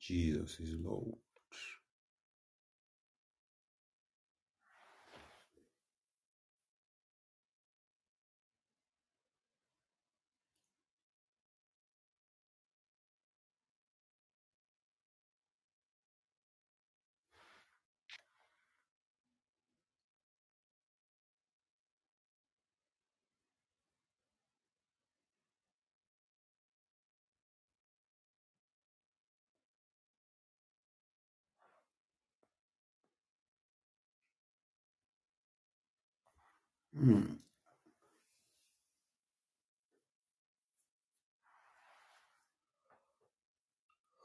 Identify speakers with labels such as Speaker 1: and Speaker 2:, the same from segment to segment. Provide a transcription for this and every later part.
Speaker 1: Jesus is Lord. Mm.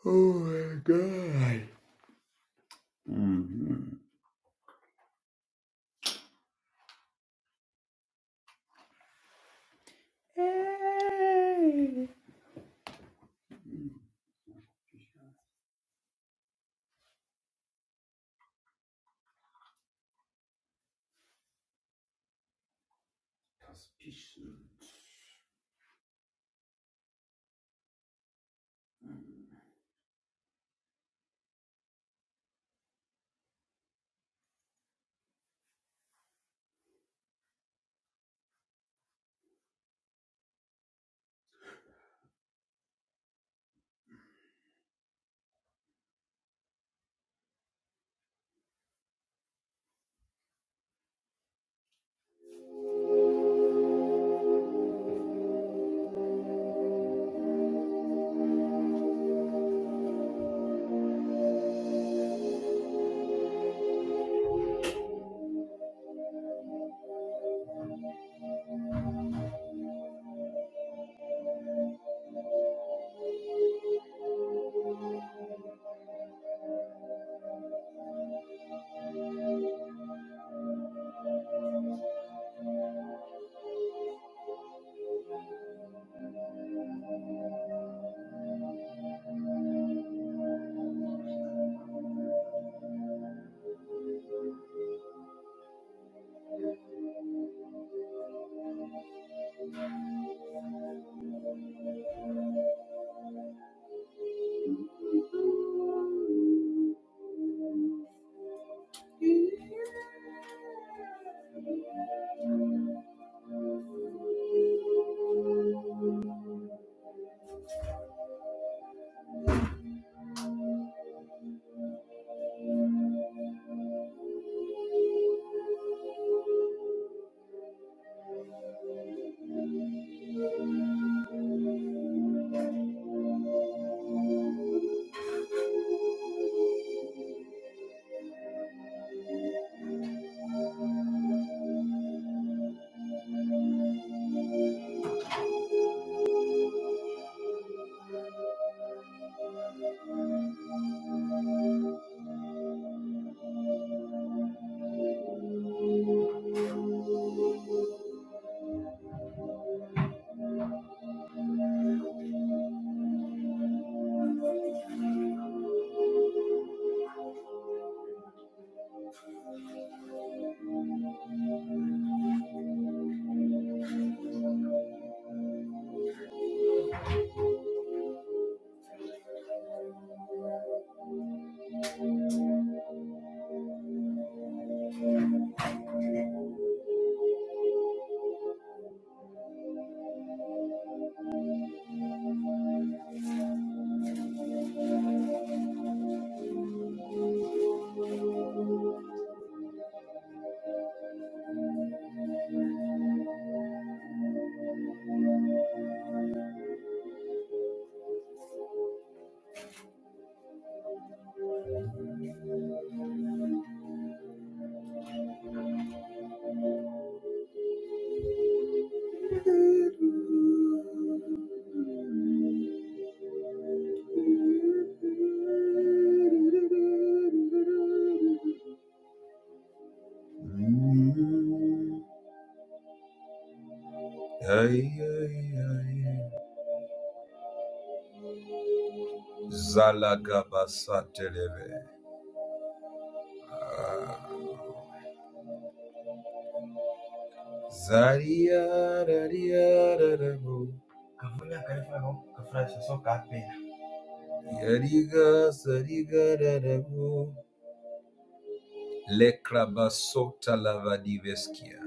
Speaker 1: Oh my God. Mm-hmm. Hey. Mm. Mm. Ay, ay, ay. Zalagabasa telebe. Ah. Zaria, raria, rarabo. Yariga, sariga, Lekrabasota lavadiveskia.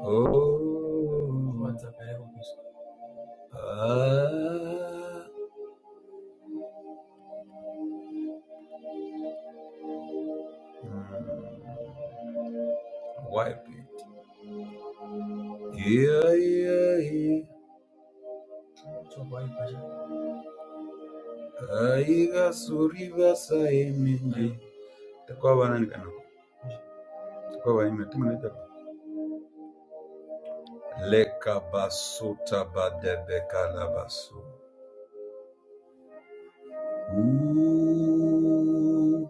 Speaker 1: Oh. Ah. Mm. Wipe it. Yeah, yeah, yeah. Aiga suriva saemende. Kwa wana nikana. Kwa wana imetumana hiyo. Leka basota badebe Ooh.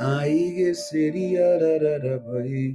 Speaker 1: Aige seria rararabai.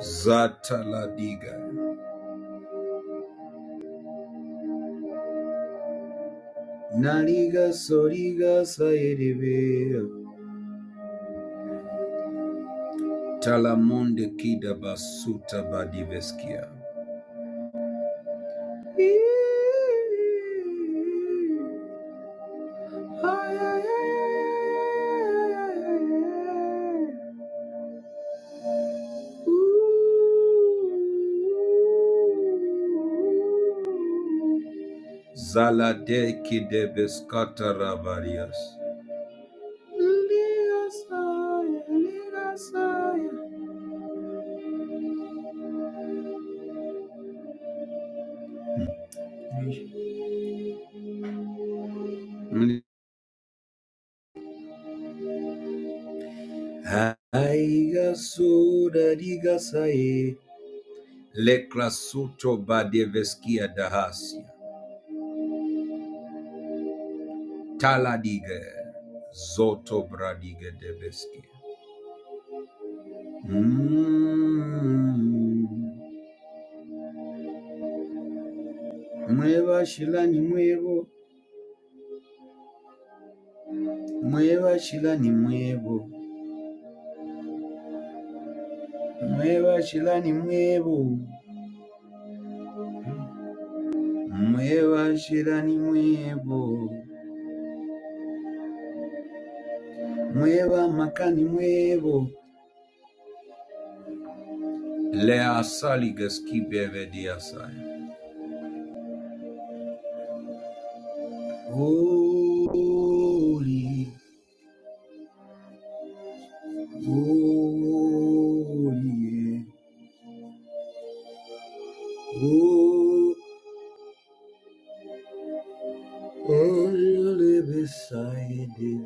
Speaker 1: Zataladiga Naliga Soriga Saedivea Talamonde Kida Basuta Badiveskia Zaladeki de Biscata Rabarias. Haiga suda diga sae. Lekrasuto badeveskia dahasia. Taladiga. Zoto bradiga deveski. Mm. Mwebashilani mwebo, mweba shila ni mwebo, mwebashilani mwebo, mweba shila ni mwebo, mweba makani mwebo. Le asali gaskibe vedi asai. Holy, holy, holy, holy beside it.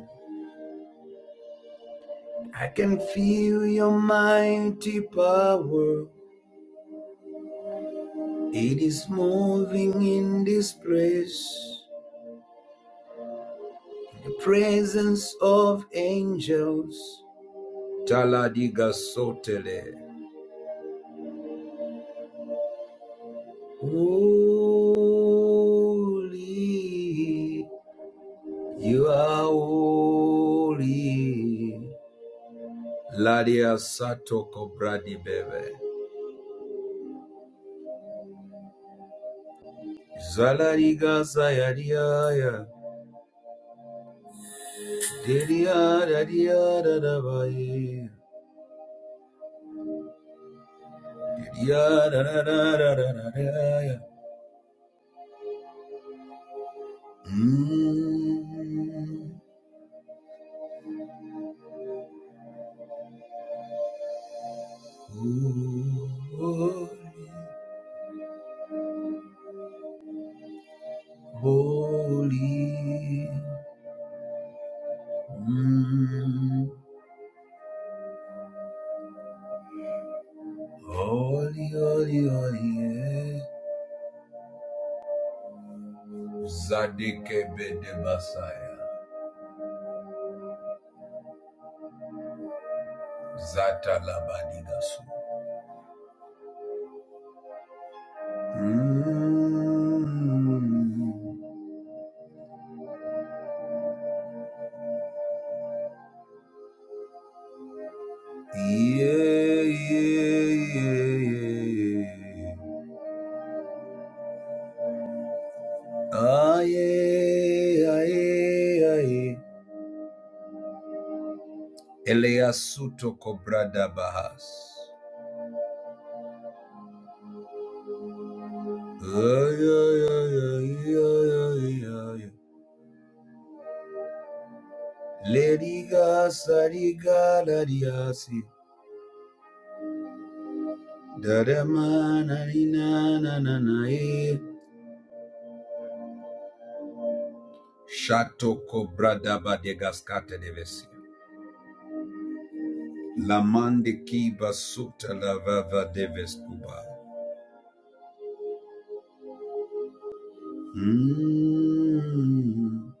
Speaker 1: I can feel your mighty power. It is moving in this place. The presence of angels. Taladiga sotele. Holy, you are holy. Ladia satoko bradi bebe. Zalariga zayaria. Deria daria Yeah, da, da, da, da, da, da, da, yeah. Mm, holy, holy, mm, holy, holy, holy, yeah. Zadeke bede basaya, zata labadi gasu. Mm, yeah, yeah, yeah, yeah, yeah. Aye, aye, aye. Eleasuto cobrada bahas. Ay, ay, ay, ay, ay, ay, ay. Leriga sariga lariasi. Darama na ni na na na na e. Shato cobrada badegascate devesi. La mande kiba suta la vava deves cuba. Mm,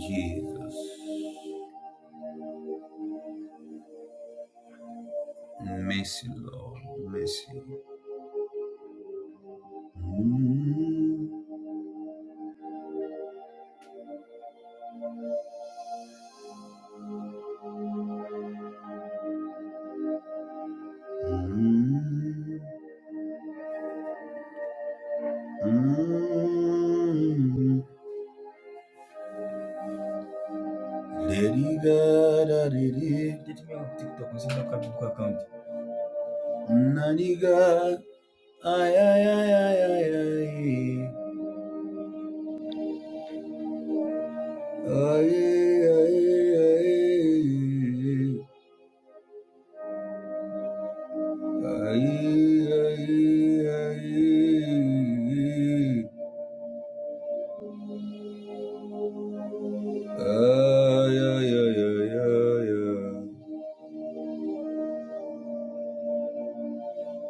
Speaker 1: Jesus. Mercy, Lord, mercy. Lady God, I did it. Get me off TikTok, I'm seeing that Kabuka account. Nani God, ay, ay, ay, ay, ay, ay. Ay, ay, ay, ay, ay. Ay, ay, ay, ay. Ay, ay, ay, ay, ay.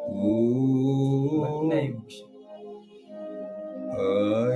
Speaker 1: What name? Now,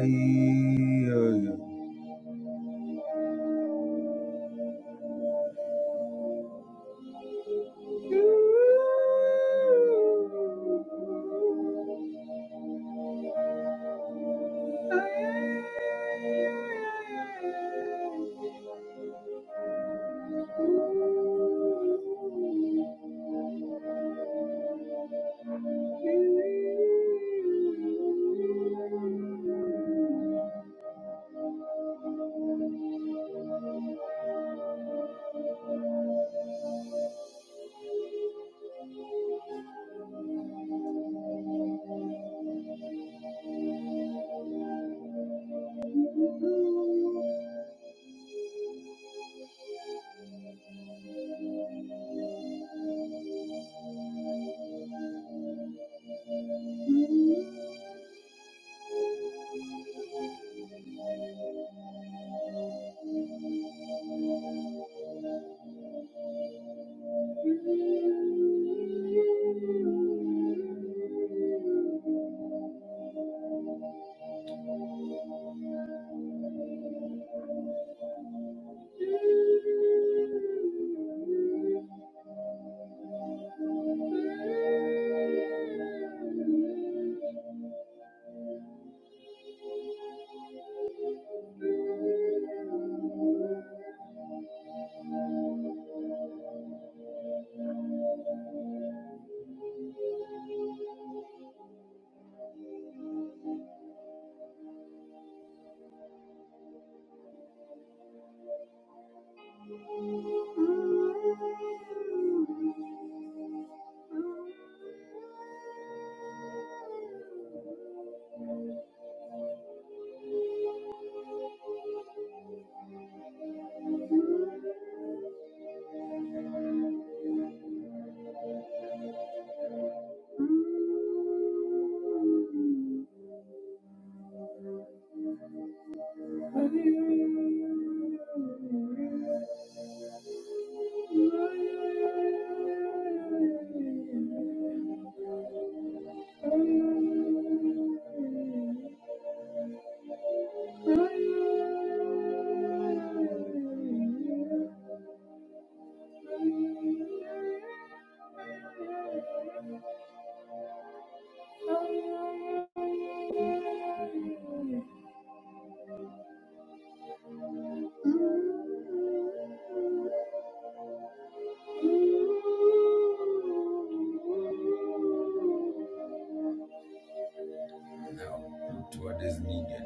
Speaker 1: what is needed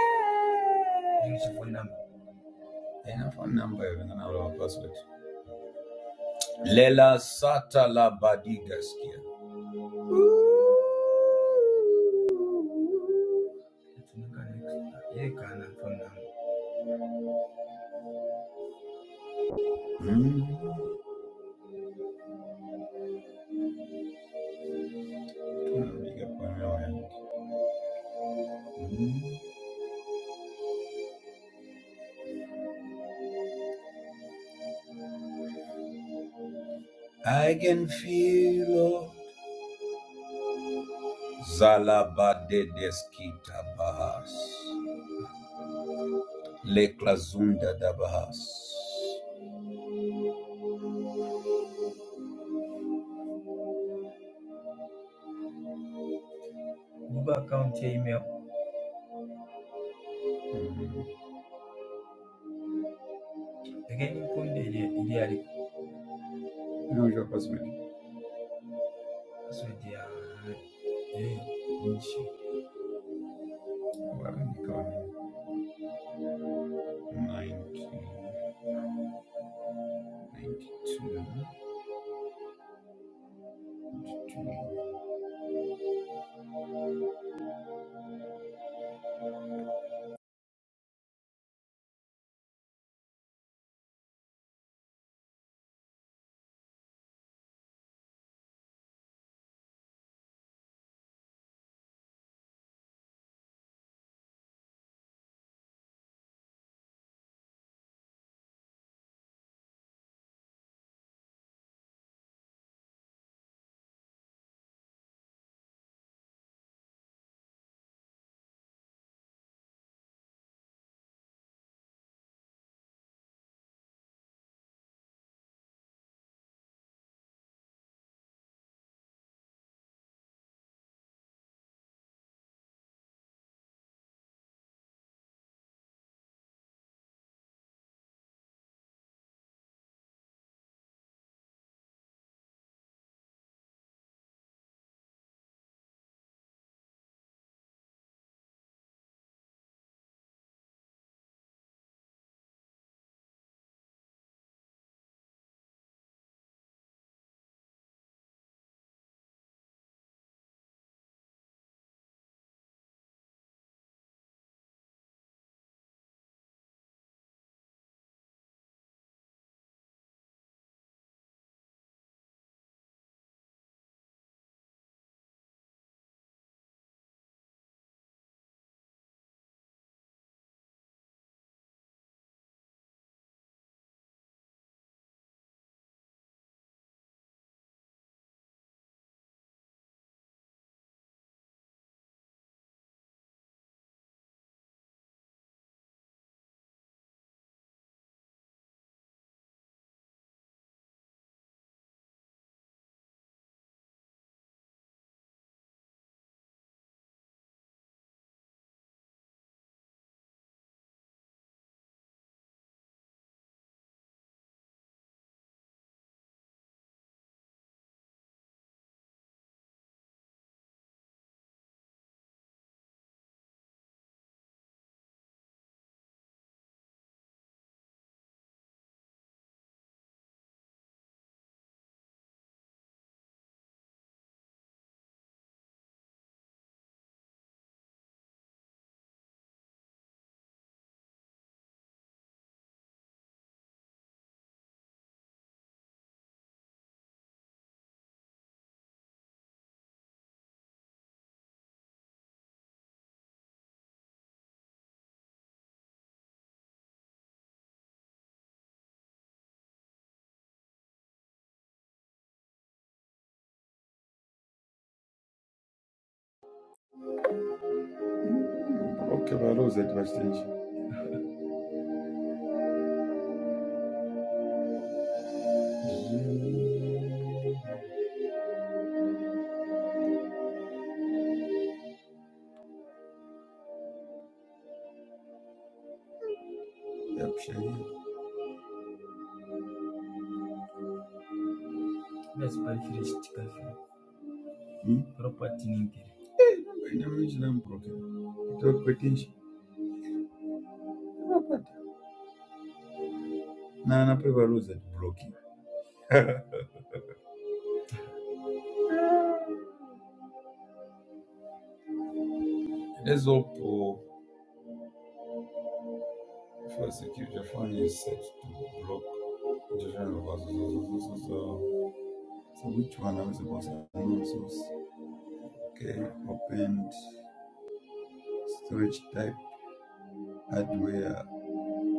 Speaker 1: there? Use phone number. Then a phone number, even an hour password. Lela Sata La Badigaskia. Mm. tunapiga pano yangu. Mm. I can feel Zalabadedeskita Bahas. Leklazunda da Bahas. Again, Kunde Ideali Illusion Cosmetic. was with their Inchi Okay, well, those are the stage. Yep, Shaggy. Best by Fish Tickle Hmm? Property in the When I'm rich, I'm broken. It all pretends. Now, I'm probably those that broken. Let's hope for security. Your phone is set to block. So which one I was supposed to know Okay, opened storage type hardware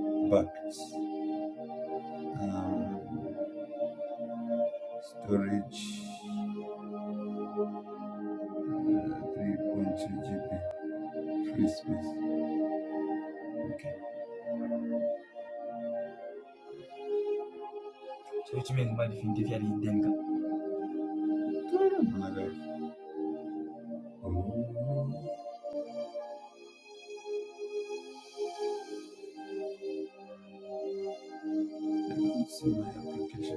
Speaker 1: backed um, storage uh, 3.2 GB free space. Okay. So which means my definitively denga. Oh, I don't see my application.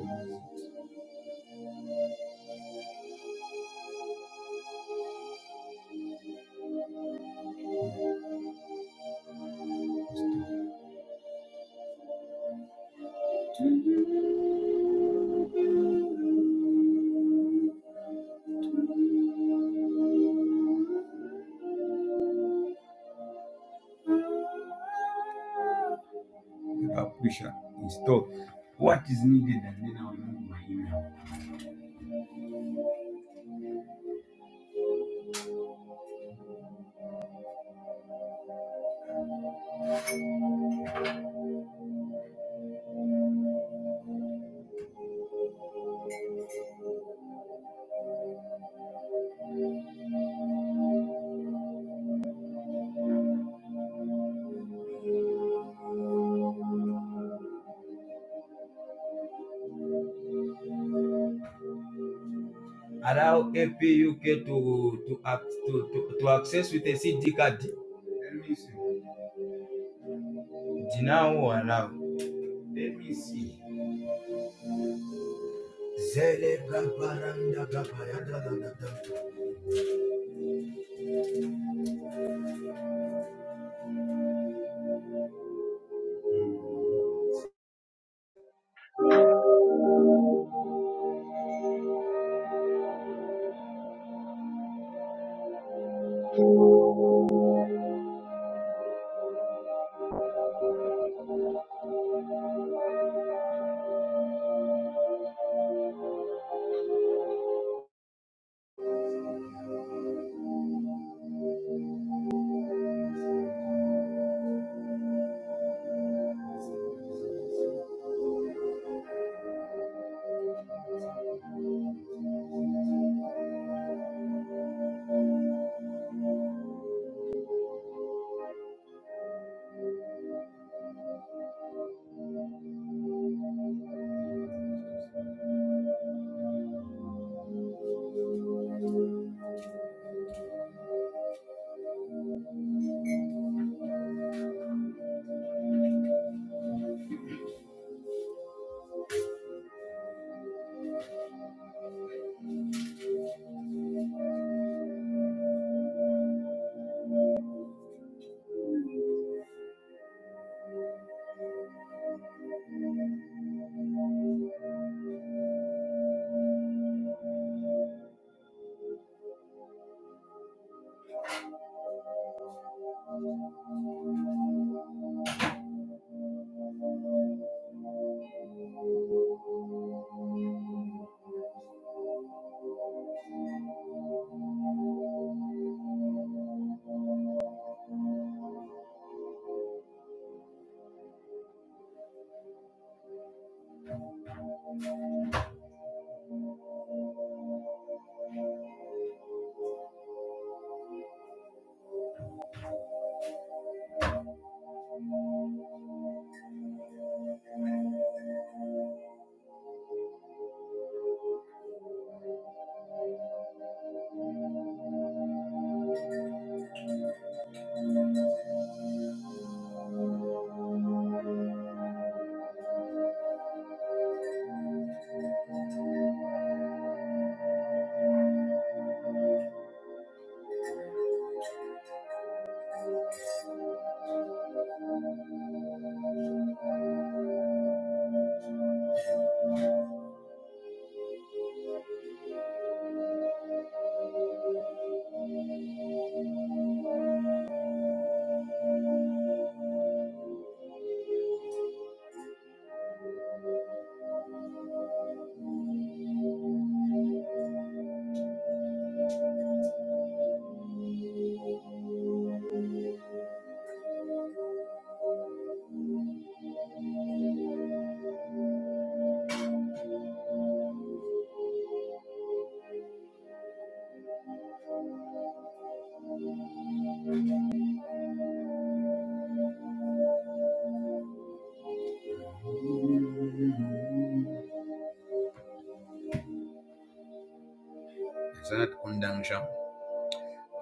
Speaker 1: Install. Application. Install. What is needed and then I'll move my email. allow APUK to to act to, to, to access with a CD card. Let me see. Deny allow. Let me see. Zele kaparanda kapaya da da da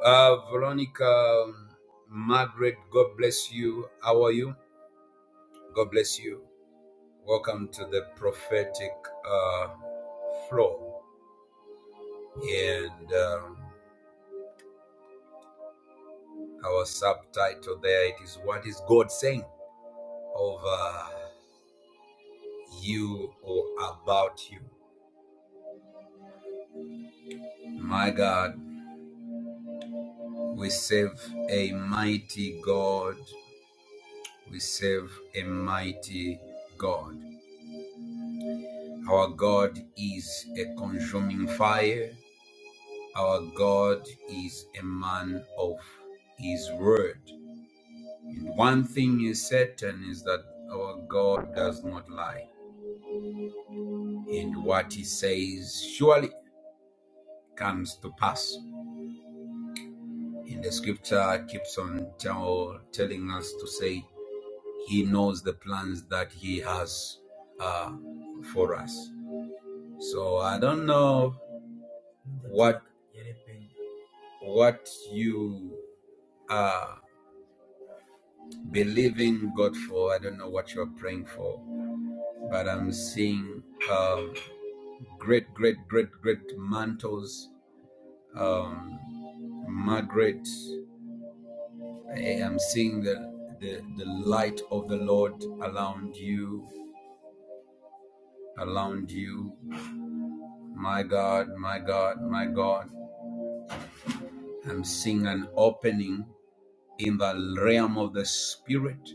Speaker 1: Uh, Veronica um, Margaret, God bless you. How are you? God bless you. Welcome to the prophetic uh, flow. And um, our subtitle there it is What is God saying over you or about you. My God, we serve a mighty God. We serve a mighty God. Our God is a consuming fire. Our God is a man of his word. And one thing is certain is that our God does not lie. And what he says surely comes to pass. And the scripture keeps on tell, telling us to say, He knows the plans that He has uh, for us. So I don't know what what you are believing God for. I don't know what you're praying for, but I'm seeing uh, great, great, great, great mantles. Um, Margaret, I am seeing the, the the light of the Lord around you, around you. My God, my God, my God. I'm seeing an opening in the realm of the spirit,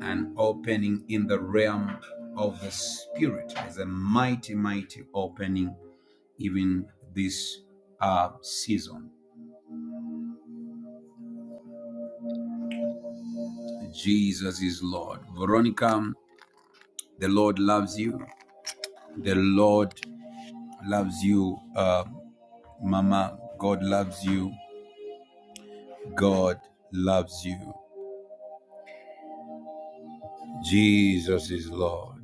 Speaker 1: an opening in the realm of the spirit as a mighty, mighty opening, even this uh, season. Jesus is Lord. Veronica, the Lord loves you. The Lord loves you, uh, Mama. God loves you. God loves you. Jesus is Lord.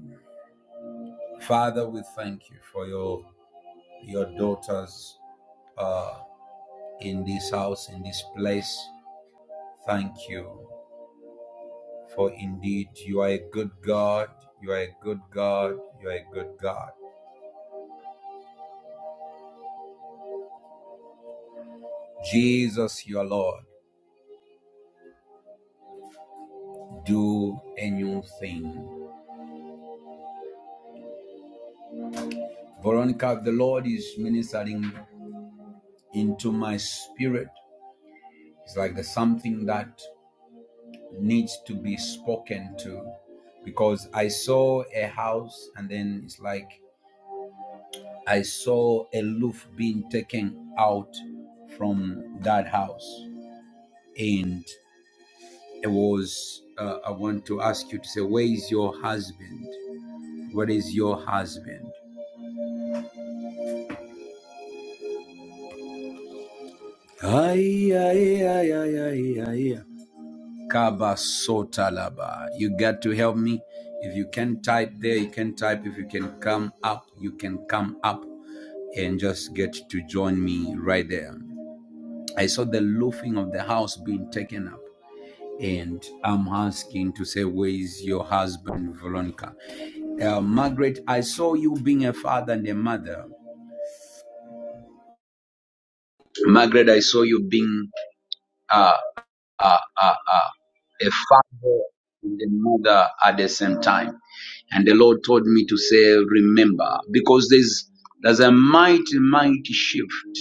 Speaker 1: Father, we thank you for your your daughters are in this house, in this place. Thank you. For indeed, you are a good God. You are a good God. You are a good God. Jesus, your Lord, do a new thing. Veronica, the Lord is ministering into my spirit. It's like there's something that needs to be spoken to because I saw a house and then it's like I saw a roof being taken out from that house. And it was, uh, I want to ask you to say, Where is your husband? Where is your husband? Ay, ay, ay, ay, ay, ay, ay. Kaba Sotalaba. You got to help me. If you can type there, you can type. If you can come up, you can come up and just get to join me right there. I saw the roofing of the house being taken up and I'm asking to say, where is your husband, Veronica? Uh, Margaret, I saw you being a father and a mother. Margaret, I saw you being uh, uh, uh, uh, a father and a mother at the same time. And the Lord told me to say, remember, because there's there's a mighty, mighty shift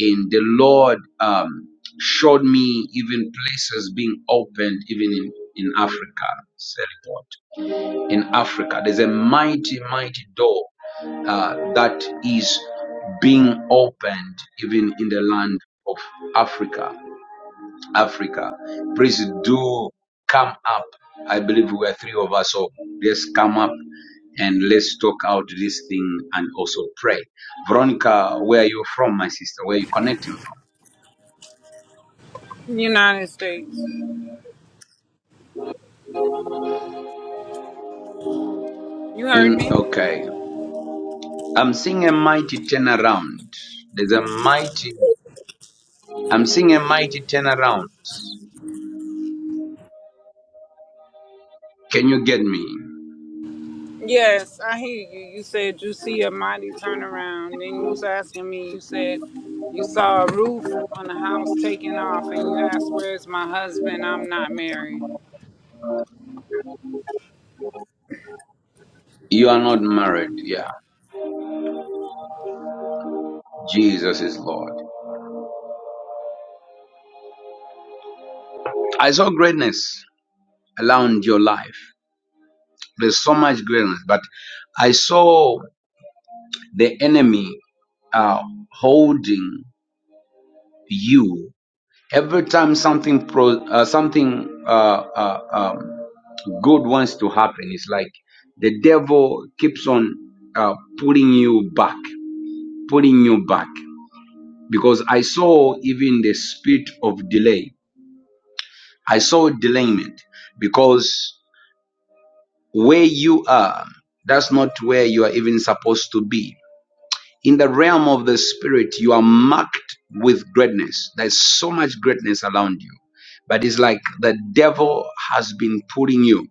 Speaker 1: And the Lord. Um, showed me even places being opened even in, in Africa. in Africa. There's a mighty, mighty door uh, that is being opened even in the land of Africa. Africa, please do come up. I believe we are three of us, so let's come up and let's talk out this thing and also pray. Veronica, where are you from, my sister? Where are you connecting from?
Speaker 2: United States. You heard
Speaker 1: In
Speaker 2: me?
Speaker 1: okay, I'm seeing a mighty turnaround. There's a mighty. I'm seeing a mighty turnaround. Can you get me?
Speaker 2: Yes, I hear you. You said you see a mighty turnaround. Then you was asking me, you said you saw a roof on the house taken off and you asked, Where's my husband? I'm not married.
Speaker 1: You are not married. Yeah. Jesus is Lord. I saw greatness around your life. There's so much greatness, but I saw the enemy uh, holding you. Every time something pro, uh, something uh, uh, um, good wants to happen, it's like the devil keeps on uh, pulling you back, pulling you back. Because I saw even the spirit of delay. I saw delayment because where you are, that's not where you are even supposed to be. In the realm of the spirit, you are marked with greatness. There's so much greatness around you. But it's like the devil has been pulling you.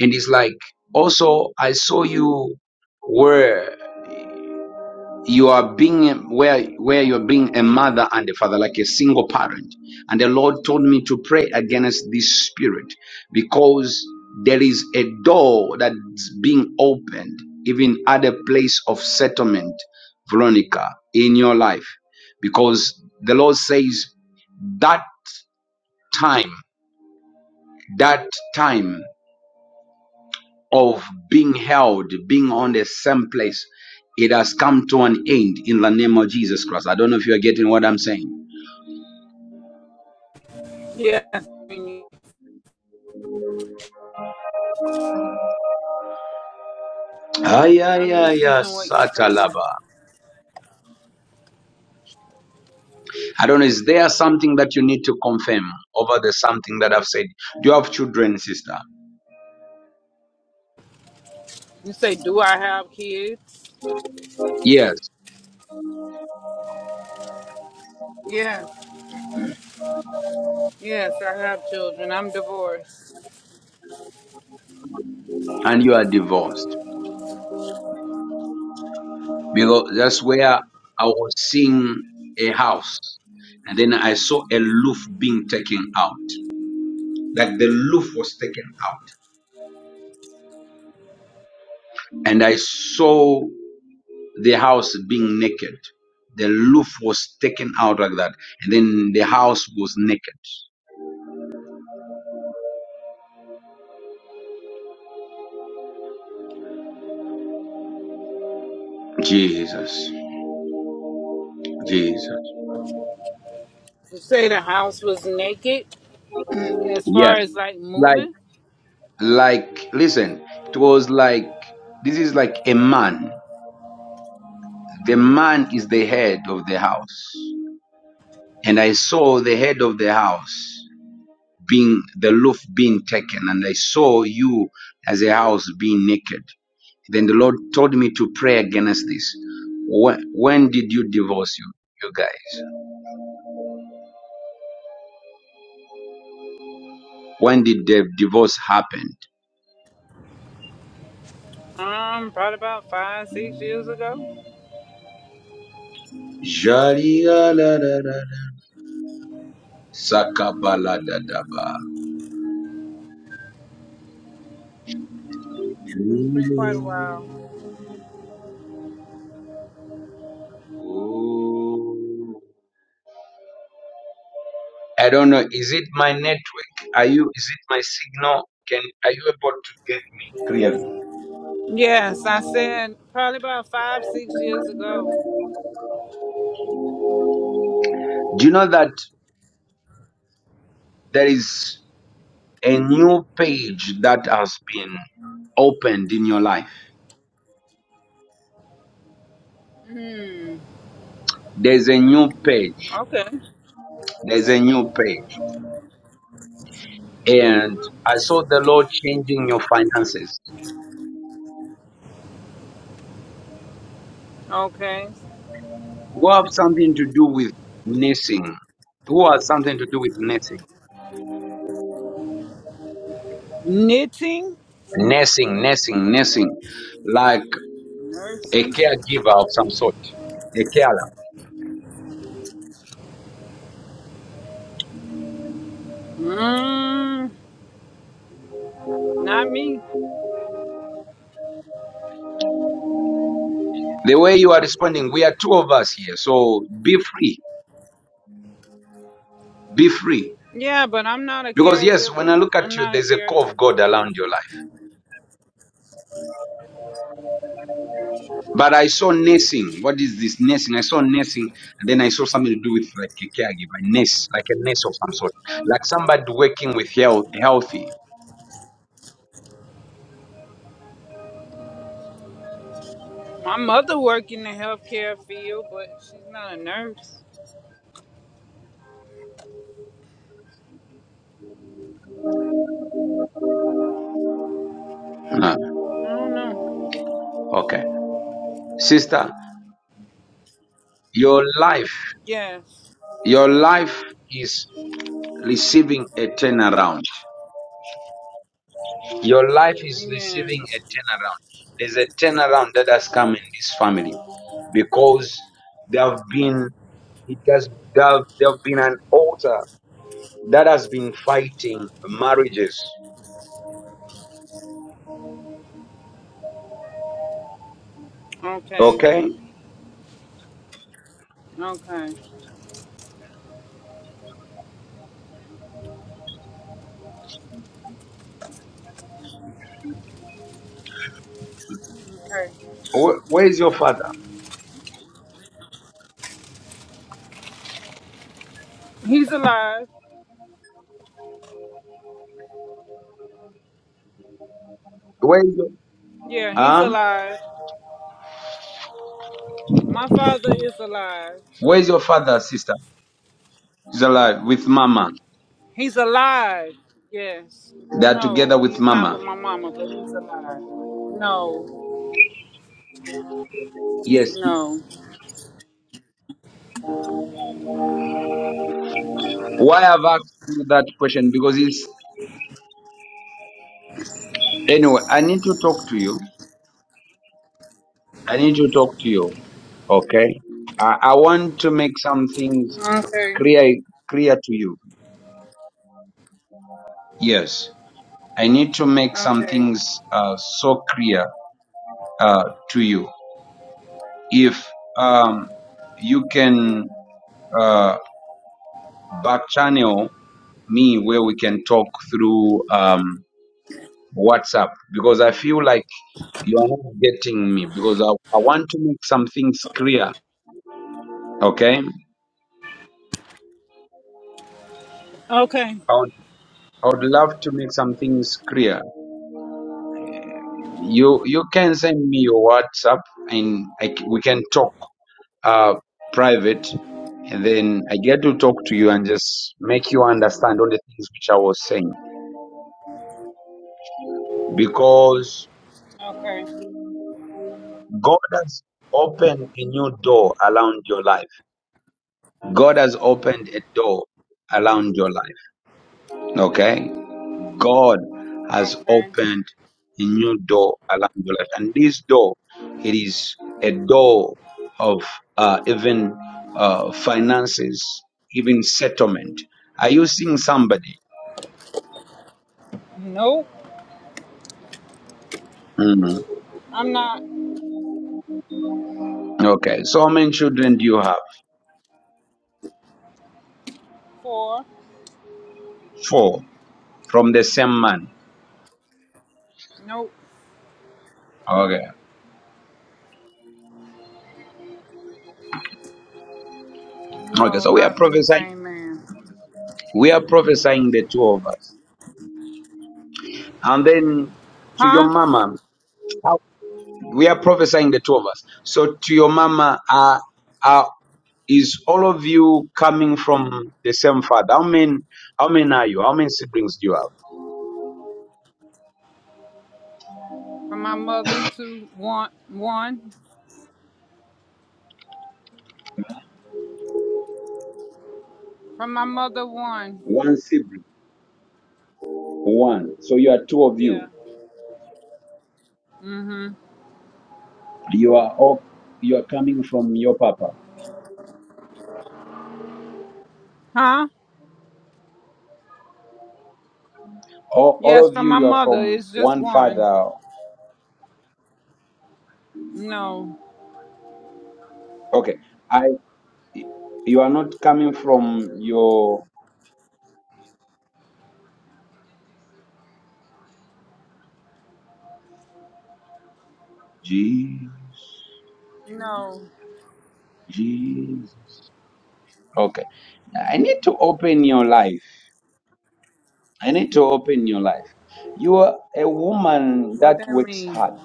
Speaker 1: And it's like also I saw you were. you are being where where you're being a mother and a father like a single parent and the lord told me to pray against this spirit because there is a door that's being opened even at a place of settlement veronica in your life because the lord says that time that time of being held, being on the same place, it has come to an end in the name of Jesus Christ. I don't know if you are getting what I'm saying.
Speaker 2: Yes, and you-
Speaker 1: Ay, ay,
Speaker 2: I'm
Speaker 1: ay, ay,
Speaker 2: receiving what you're saying.
Speaker 1: satalaba. I don't know. Is there something that you need to confirm over the something that I've said? Do you have children, sister?
Speaker 2: You say, Do I have kids?
Speaker 1: Yes.
Speaker 2: Yes, yes, I have children. I'm divorced.
Speaker 1: And you are divorced. Because that's where I was seeing a house. And then I saw a roof being taken out. Like the roof was taken out. And I saw the house being naked. The roof was taken out like that, and then the house was naked. Jesus, Jesus.
Speaker 2: You say the house was naked as
Speaker 1: Yes,
Speaker 2: far as like
Speaker 1: like,
Speaker 2: moving?
Speaker 1: like, listen, it was like this is like a man. The man is the head of the house, and I saw the head of the house. being the roof being taken and i saw you as a house being naked then the lord told me to pray against this when, when did you divorce you you guys when did the divorce happen
Speaker 2: Um, probably about five, six years ago.
Speaker 1: Jarigalarara, sakabaladadaba.
Speaker 2: It's been quite a
Speaker 1: Ooh.
Speaker 2: while.
Speaker 1: Ooh. i don't know is it my network are you is it my signal can are you able to get me clearly
Speaker 2: Yes, I said probably about five, six years ago.
Speaker 1: do you know that there is a new page that has been opened in your life.
Speaker 2: Hmm.
Speaker 1: There's a new page.
Speaker 2: Okay.
Speaker 1: There's a new page. And I saw the Lord changing your finances.
Speaker 2: Okay.
Speaker 1: Who have something to do with nursing? Who has something to do with nursing?
Speaker 2: Knitting,
Speaker 1: Nursing, nursing, nursing. Like a
Speaker 2: nursing.
Speaker 1: caregiver of some sort, a carer.
Speaker 2: Mm, not me.
Speaker 1: The way you are responding, we are two of us here. So be free. Be free.
Speaker 2: Yeah, but I'm not a
Speaker 1: Because, yes, when I
Speaker 2: caregiver.
Speaker 1: look
Speaker 2: I'm
Speaker 1: at you,
Speaker 2: not a
Speaker 1: there's a call of
Speaker 2: caregiver.
Speaker 1: God around your life. But I saw nursing. What is this nursing? I saw nursing, and then I saw something to do with like a caregiver, nurse, like a nurse of some sort, like somebody working with health, healthy.
Speaker 2: My mother worked in the healthcare field, but she's not a nurse.
Speaker 1: Uh,
Speaker 2: I don't know.
Speaker 1: okay, sister, your life,
Speaker 2: Yes.
Speaker 1: your life is receiving a turnaround. Your life is
Speaker 2: Amen.
Speaker 1: receiving a turnaround. There's a turnaround that has come in this family because there have been it has there, there have been an altar that has been fighting marriages.
Speaker 2: Okay.
Speaker 1: Okay?
Speaker 2: Okay. Okay.
Speaker 1: Wh- Where is your father?
Speaker 2: He's alive.
Speaker 1: Where is your,
Speaker 2: Yeah, he's
Speaker 1: huh?
Speaker 2: alive. My father is alive.
Speaker 1: Where is your father, sister? He's alive with mama.
Speaker 2: He's alive. Yes.
Speaker 1: They are together
Speaker 2: No,
Speaker 1: with
Speaker 2: he's not
Speaker 1: mama.
Speaker 2: with my mama, but he's alive. No,
Speaker 1: Yes.
Speaker 2: no.
Speaker 1: Why I've asked you that question? Because it's anyway, I need to talk to you. I need to talk to you. Okay? I, I want to make some things
Speaker 2: Okay.
Speaker 1: clear clear to you. Yes. I need to make some
Speaker 2: Okay.
Speaker 1: things uh, so clear uh, to you if um, you can uh, back channel me where we can talk through um, WhatsApp because I feel like you are not getting me because I, I want to make some things clear. Okay, I
Speaker 2: Okay.
Speaker 1: would, I would love to make some things clear. You you can send me your WhatsApp and I c we can talk uh, private, and then I get to talk to you and just make you understand all the things which I was saying because
Speaker 2: Okay.
Speaker 1: God has opened a new door around your life. God has opened a door around your life. Okay? God has
Speaker 2: Okay.
Speaker 1: opened a new door around your life. And this door, it is a door of uh, even uh, finances, even settlement. Are you seeing somebody?
Speaker 2: Nope.
Speaker 1: Mm.
Speaker 2: I'm not
Speaker 1: Okay. So how many children do you have?
Speaker 2: poor.
Speaker 1: Four from the same man.
Speaker 2: Nope.
Speaker 1: Okay. Okay.
Speaker 2: No,
Speaker 1: So we are
Speaker 2: not from the
Speaker 1: prophesying.
Speaker 2: same man.
Speaker 1: We are prophesying the two of us. And then to your
Speaker 2: Huh?
Speaker 1: mama, how- we are prophesying the two of us. So to your mama, uh, uh, is all of you coming from the same father? How many? How many are you? How many siblings do you have?
Speaker 2: From my mother to one one. From my mother one.
Speaker 1: One sibling. One. So you are two of
Speaker 2: Yeah.
Speaker 1: you.
Speaker 2: Mm-hmm.
Speaker 1: You are all. You are coming from your papa.
Speaker 2: Huh?
Speaker 1: All, all
Speaker 2: Yes,
Speaker 1: of
Speaker 2: from
Speaker 1: you.
Speaker 2: my
Speaker 1: You are
Speaker 2: mother.
Speaker 1: from
Speaker 2: It's just
Speaker 1: one
Speaker 2: one.
Speaker 1: father.
Speaker 2: No.
Speaker 1: Okay. I. You are not coming from your Jesus.
Speaker 2: No.
Speaker 1: Jesus. Okay. I need to open your life. I need to open your life. You are a woman
Speaker 2: What
Speaker 1: that
Speaker 2: that
Speaker 1: works
Speaker 2: mean?
Speaker 1: hard.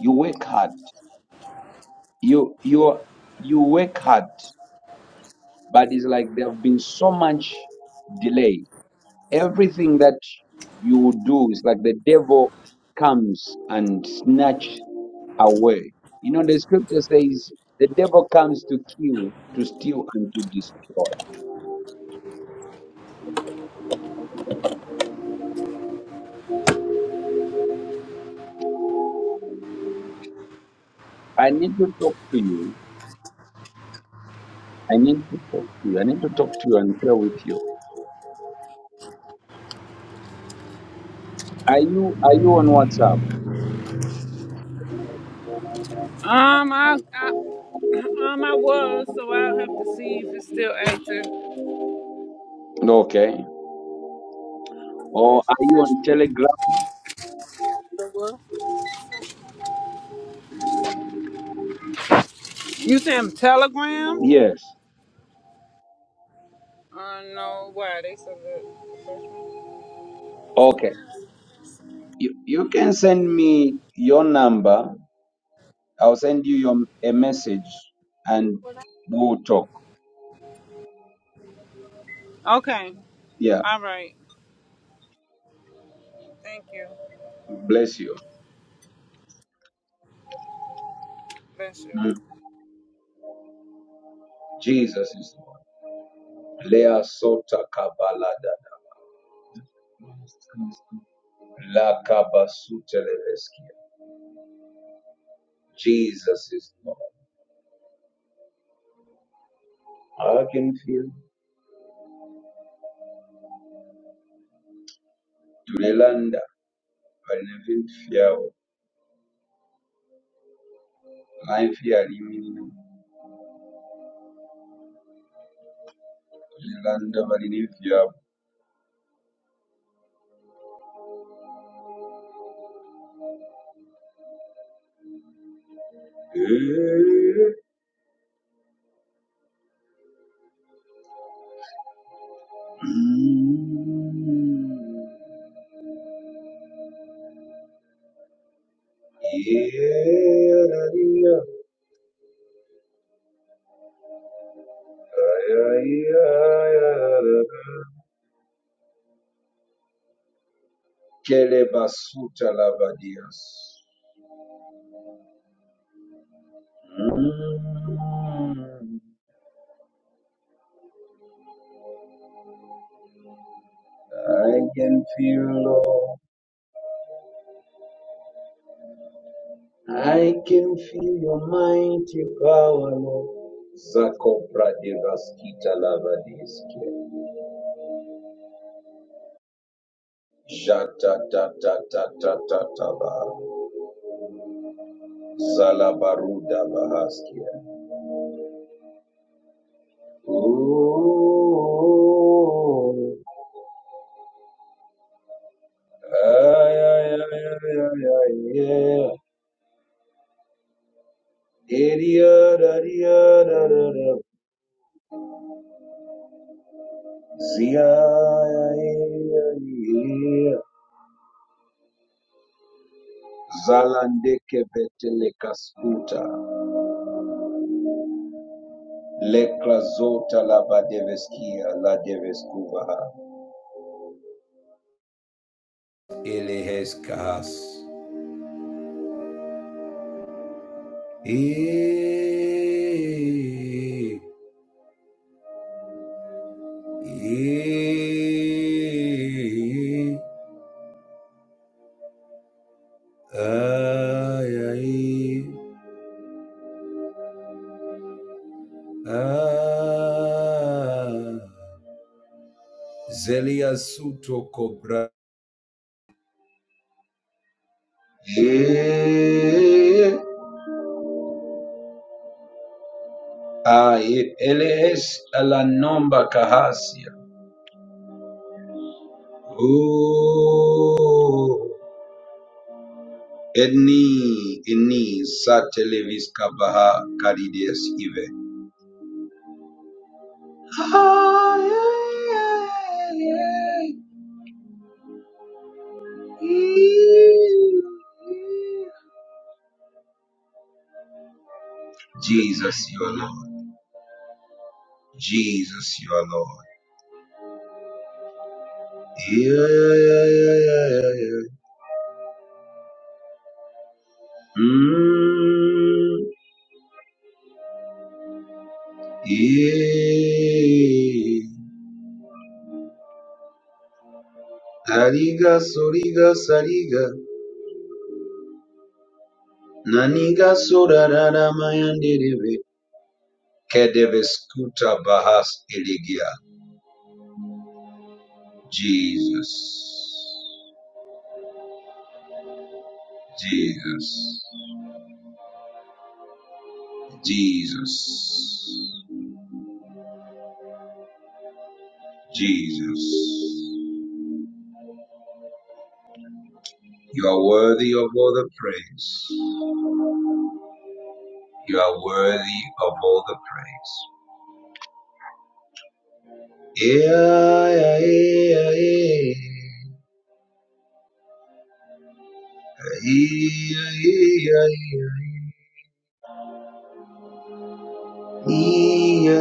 Speaker 1: You work hard. You you you work hard, but it's like there have been so much delay. Everything that you do is like the devil comes and snatch away. You know the scripture says the devil comes to kill, to steal, and to destroy. I need to talk to you I need to talk to you. I need to talk to you and share with you. Are you are you on WhatsApp?
Speaker 2: Um, I, I Um, I was, so I'll have to see if it's still active.
Speaker 1: Okay. Or are you on Telegram?
Speaker 2: The what? You sent Telegram?
Speaker 1: Yes.
Speaker 2: Uh, no. Why they said that? first one?
Speaker 1: Okay. You you can send me your number. I'll send you your a message and we'll talk.
Speaker 2: Okay.
Speaker 1: Yeah.
Speaker 2: All right. Thank you.
Speaker 1: Bless you.
Speaker 2: Bless you.
Speaker 1: Mm. Jesus is Lord. Lea sota kabalada. La kabasuteleveskia. Jesus is Lord. I can feel. balina ebintu byabwe life yali Eh, mm, yeah, kele basuta lavadias Mm, I can feel Lord. I can feel your mighty power, Lord. Zako pradivaskita lavadiske. Jata ta ta ta ta ta ta ba Salabaruda bahaskia. Ooh. Ay, ay, ay, ay, ay, ay, yeah. Idia, da, dia, da, da, da. Zia, ay, ay, ay, yeah. Zalandeke betele kaskuta. Lekla zota la badeveskia la deveskuva. Eleheskahas. E, e, ai, ai, ah, Zelia suto cobra. E, ai, ele es la nomba cahasia. Oh, eni, eni, satelevis cabaha carides ive. Jesus, you are Lord. Jesus, you are Lord. Yeah, yeah, yeah, yeah, yeah, yeah. Mm, yeah. Ariga soriga sariga. Naniga sorarara mayandereve. Kedeve skuta bahas eligia. Jesus. Jesus. Jesus, Jesus, you are worthy of all the praise. You are worthy of all the praise. Yeah, yeah, yeah, yeah. Yeah, yeah, yeah,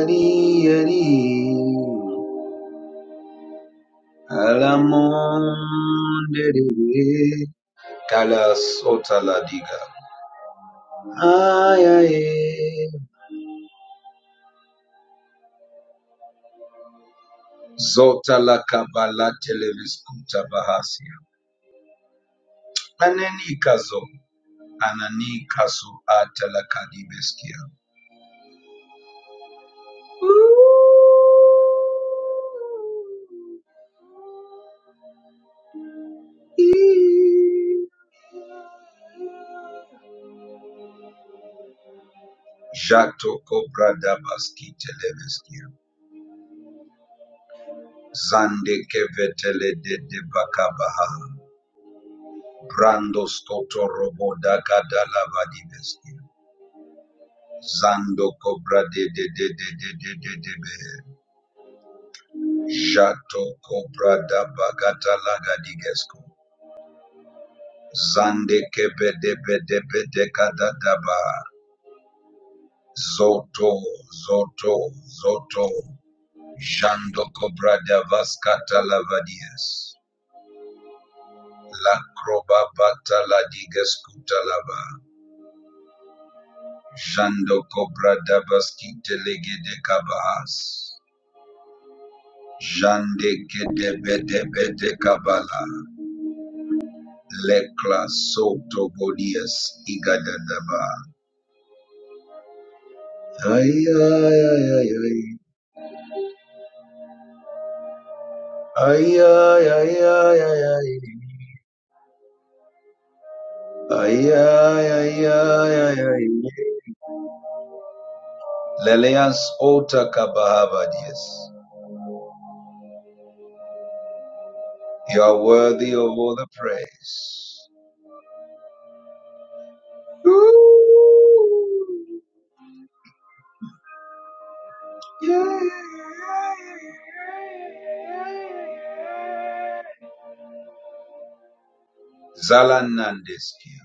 Speaker 1: yeah. Yeah, yeah, yeah. Alamonde de we. Kala sota la diga. Ay, ay, ay. Zota la kabala televis kuta bahasi. Anenikazo, Ananikasu Atalakadibeskia, Jato Cobra Dabaski Televeskia, Zande Kevetele de de Debakabaha, Brando Scoto Roboda Kadalabadibeskia, Zando Cobra de de de de de de de de be, Jato Cobra Dabagatalagadigesco, Zande Kebede Bede Bede Kadadaba, Zoto, Zoto, Zoto. Jandoko brada vaskata lavadias. La croba bata la digas kuta lava. Jandoko brada baskite legede kabahas. Jande kede bede bede kabala. Lekla soto bodias igadadaba. Ay ay ay ay ay. Ay ay ay ay ay ay. Ay ay ay ay ay ay. Leleas ota kabahabadias. You are worthy of all the praise. Ooh, yeah. Zalanandeskia.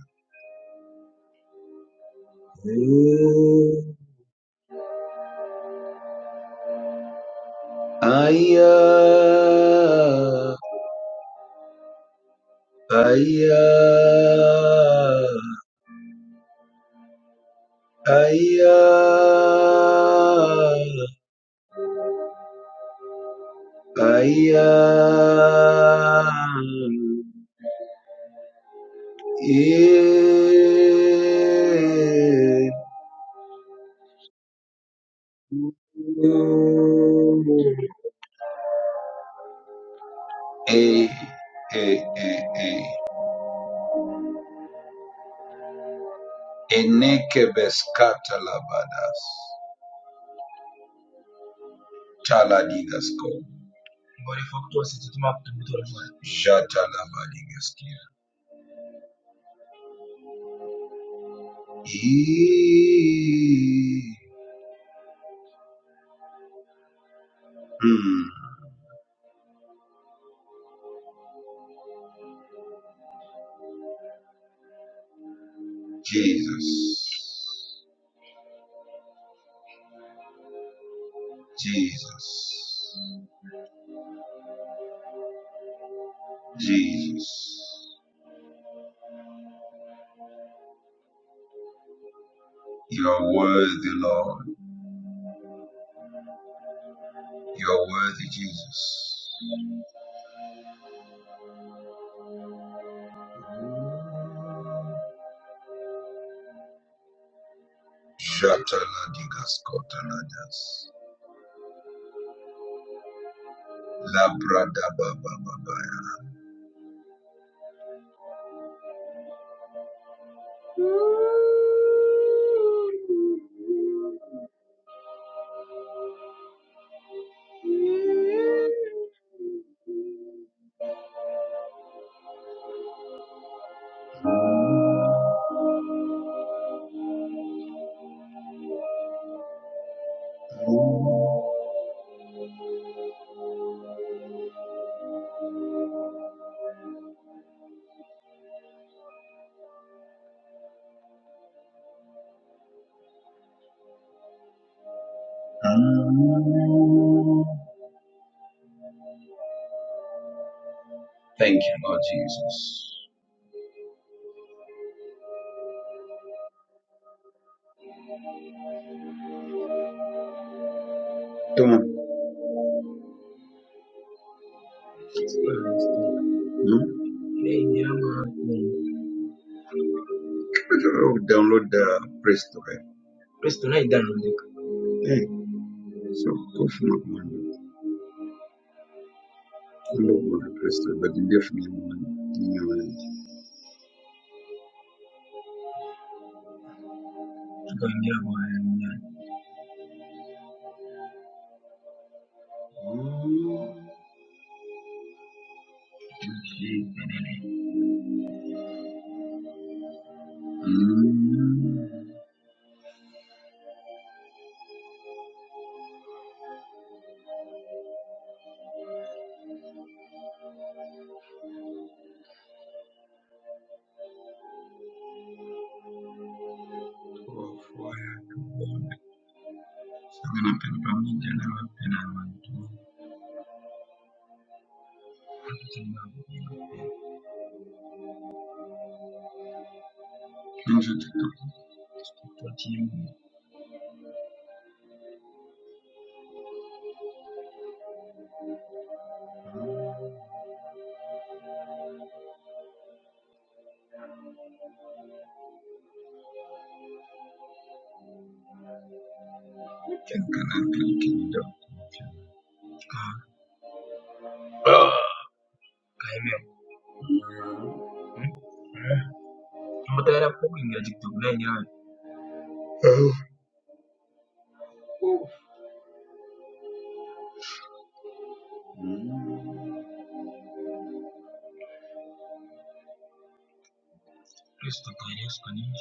Speaker 1: Ooh, Aya, aya, aya, aya. Yeah. Hey, hey, hey, hey. Enekebes katalabadas. Jata Jatalabadigaskia. Eeeeee. Hmm. Jesus. Jesus. Jesus. You are worthy, Lord. You are worthy, Jesus. Jata Jataladigasko taladas. Labradabababa. Thank you, Lord Jesus. Come on. Hmm? Oh, download the Praise to God. Hey, so go for my one. I love what the Praise to God, but you definitely want in your life. Hmm. I'm gonna pay the pounds in general. Mutera pooling yagitunganira kristo tutari yesu kanini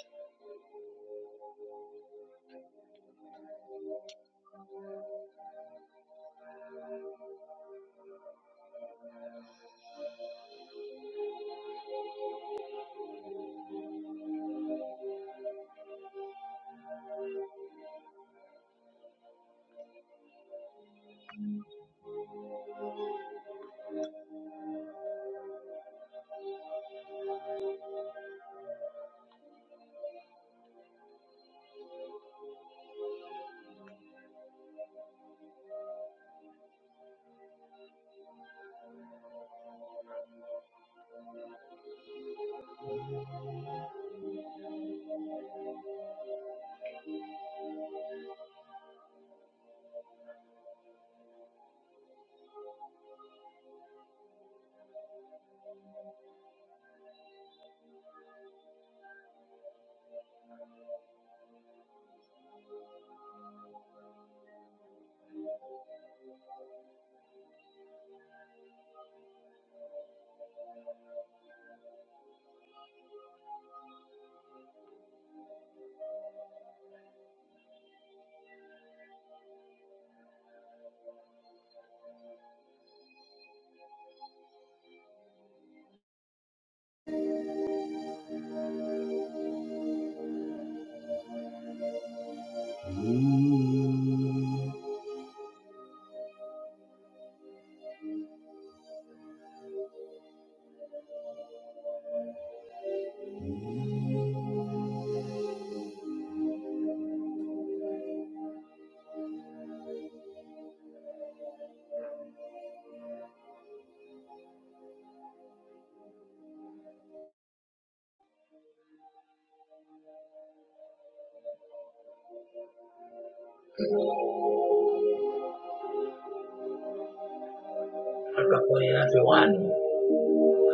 Speaker 1: agakorera yohani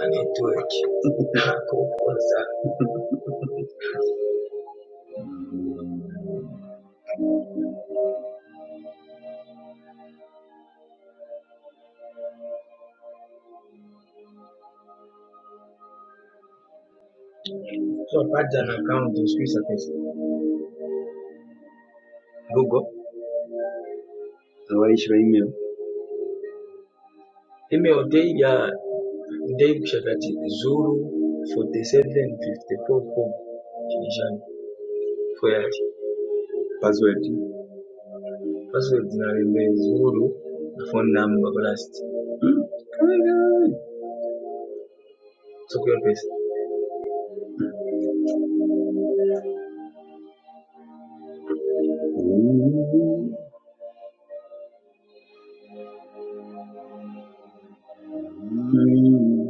Speaker 1: anetwork akokoza so pardon account swiss service google abayishi ba email email day ya day kushakati zuru 47544 kinishani foyati password password na email zuru na phone number blast Mm. Kawai, kawai. so kwa pesa Mm.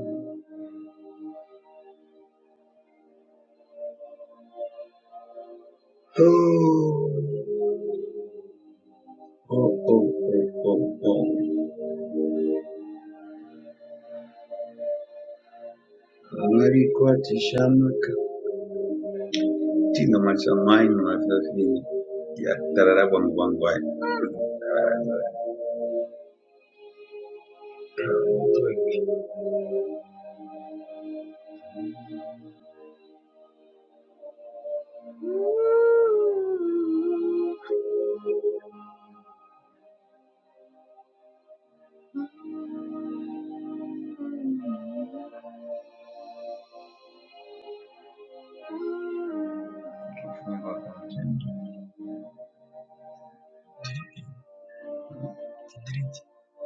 Speaker 1: Mm.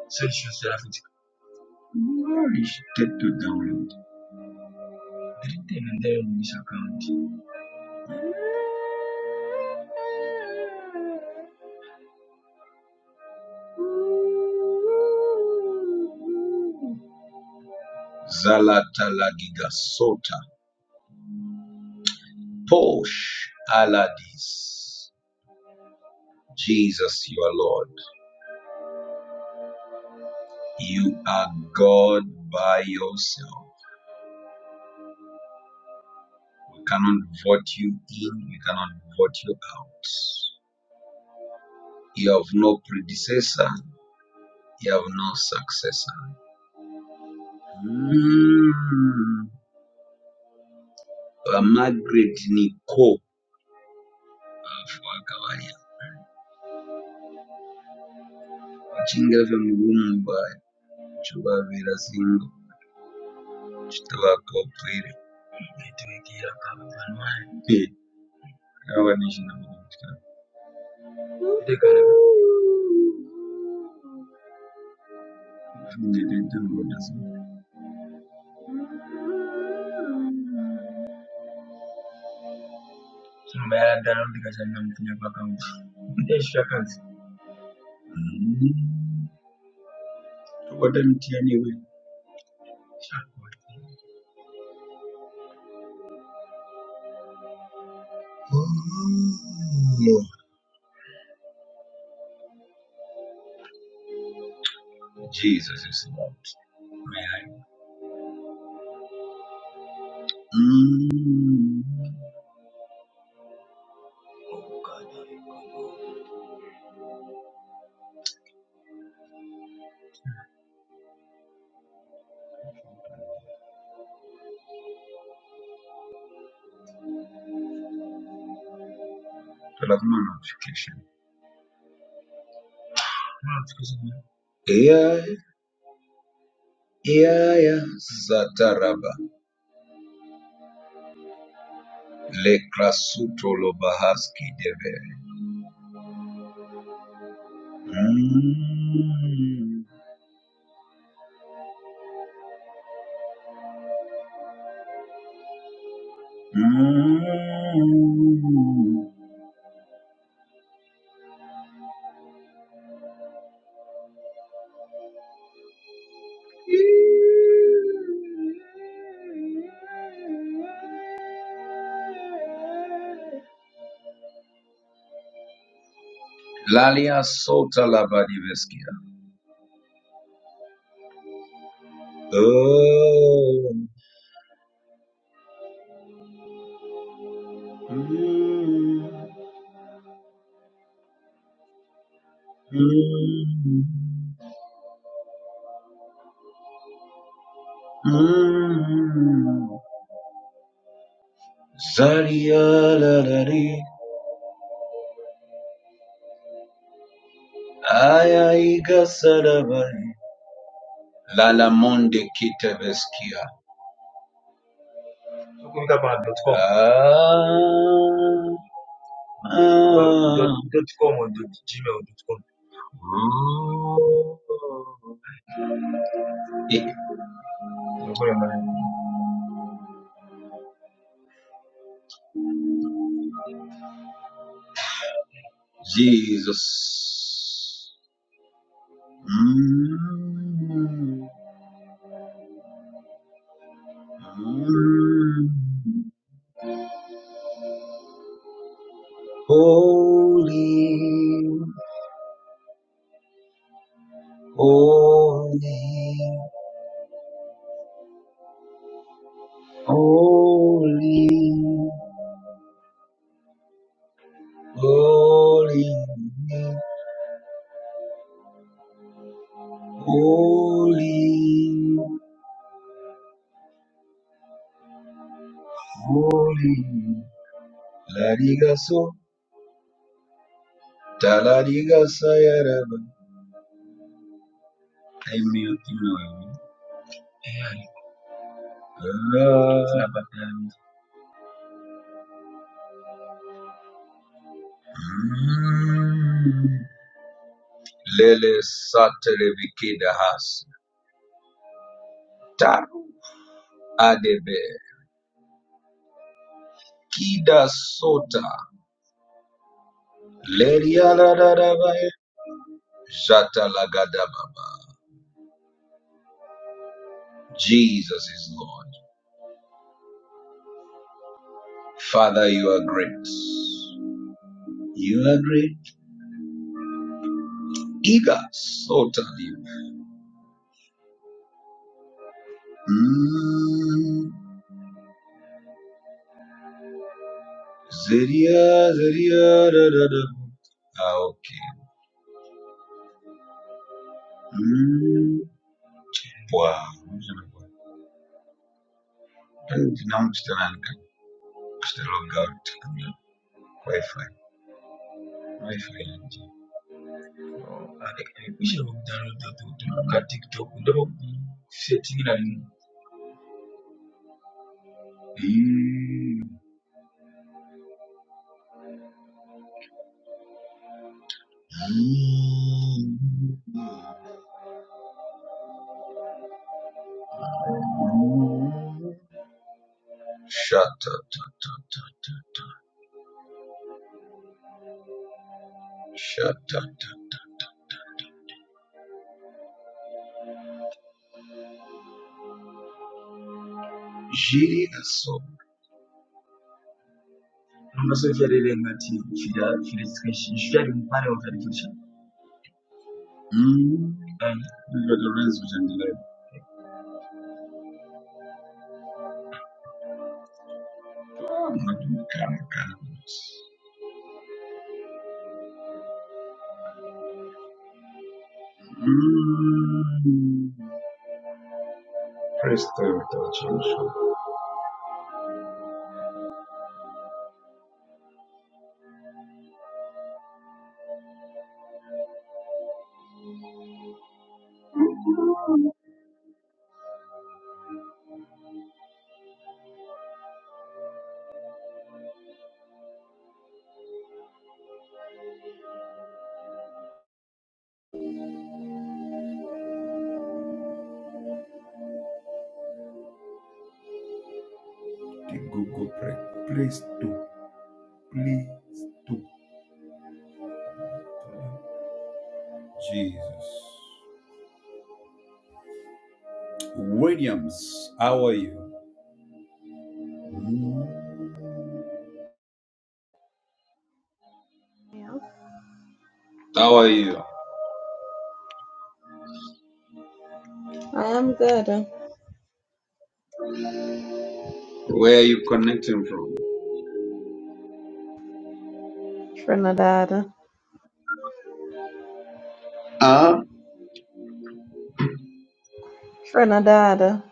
Speaker 1: Celsius Graphics restricted to download. Written and Posh Aladis. Jesus, you are Lord. You are God by yourself. We cannot vote you in, we cannot vote you out. You have no predecessor, you have no successor. Mm. uh, Margaret Nico Fuagawalia Uchingira vemulumu ba chuba vera zingo chitava kopwire netiwegira kava vanwai kava nishina ndekana ndete ngoda sima ya dalo ndikachana mutinya pakangu ndeshakazi tokota miti yaniwe shakoti jesus is not my mm. God. But I've no notification. AI. Yaya zataraba, Le Krasuto Lobahaski Deve. Mm, mm. Lalia Sota Labadiveskia. Oh. Mm, mm, mm. Zaria Lalari Aya Iga Sarabari. Lala Monde Kitaveskia. dot com. Dot, Ah. com or dot gmail dot com. Oh. Eh, Jesus. Mm. Mm. Holy, holy, holy, holy, holy. Moli, Larigaso, Talarigasa Yaraba. Hay un minutito nuevo. Lele Satele Vikida Has, Taru, Adebe, Kida Sota, Lerialadadabaya, Jatalagadababa. Jesus is Lord. Father, you are great. You are great. Iga Sota Liv. Zeria, Zeria, da, da, da. Ah, okay. Mm, Wow. Ndina mkutananga kushtalonga tukumya wifi wifi yanje Kusha kudownload to to ka TikTok ndoba kusetting na nini? Mm. shut up tut, tut. shut up tut. jiri aso Numa social area ngati fira fira sketch. Shari mpare wa fira Mm, and the rains which and Mm, praise time without solution. The Google pray. Praise to play to. Williams, how are you? Mm,
Speaker 3: Yeah,
Speaker 1: How are you?
Speaker 3: I am good.
Speaker 1: Where are you connecting from?
Speaker 3: Trinidad.
Speaker 1: Ah, uh,
Speaker 3: Trinidad.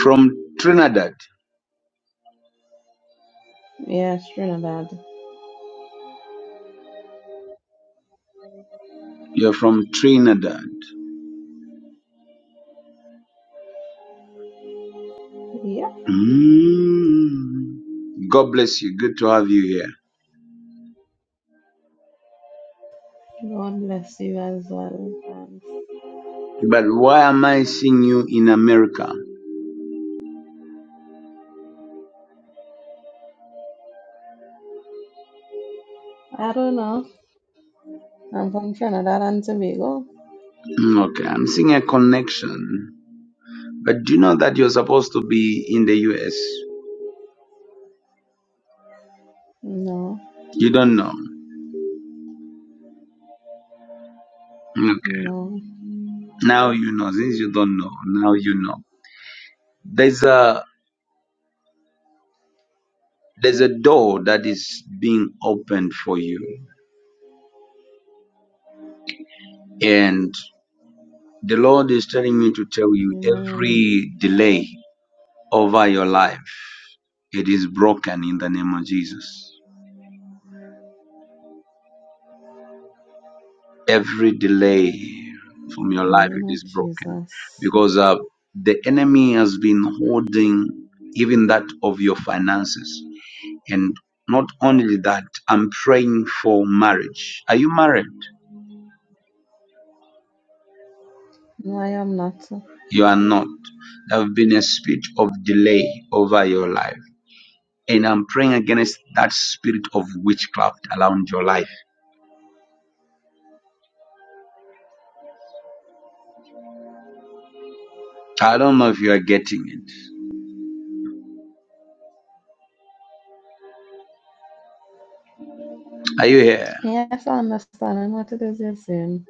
Speaker 1: from Trinidad.
Speaker 3: Yes, Trinidad.
Speaker 1: You're from Trinidad.
Speaker 3: Yep.
Speaker 1: Mm. God bless you. Good to have you here.
Speaker 3: God bless you as well. Thanks.
Speaker 1: But why am I seeing you in America?
Speaker 3: I don't know. I'm from Trinidad and Tobago.
Speaker 1: Mm, Okay, I'm seeing a connection. But do you know that you're supposed to be in the US?
Speaker 3: No,
Speaker 1: You don't know. Mm, Okay.
Speaker 3: no.
Speaker 1: Now you know. Since you don't know, now you know. There's a there's a door that is being opened for you. And the Lord is telling me to tell you
Speaker 3: Amen.
Speaker 1: every delay over your life, it is broken in the name of Jesus. every delay from
Speaker 3: In
Speaker 1: your
Speaker 3: the
Speaker 1: life
Speaker 3: name
Speaker 1: it is
Speaker 3: of
Speaker 1: broken
Speaker 3: Jesus.
Speaker 1: because uh, the enemy has been holding even that of your finances and not only that i'm praying for marriage are you married
Speaker 3: No, I am not.
Speaker 1: you are not there have been a spirit of delay over your life and i'm praying against that spirit of witchcraft around your life i don't know if you are getting it are you here
Speaker 3: Yes, i understand. understanding what it is you're saying.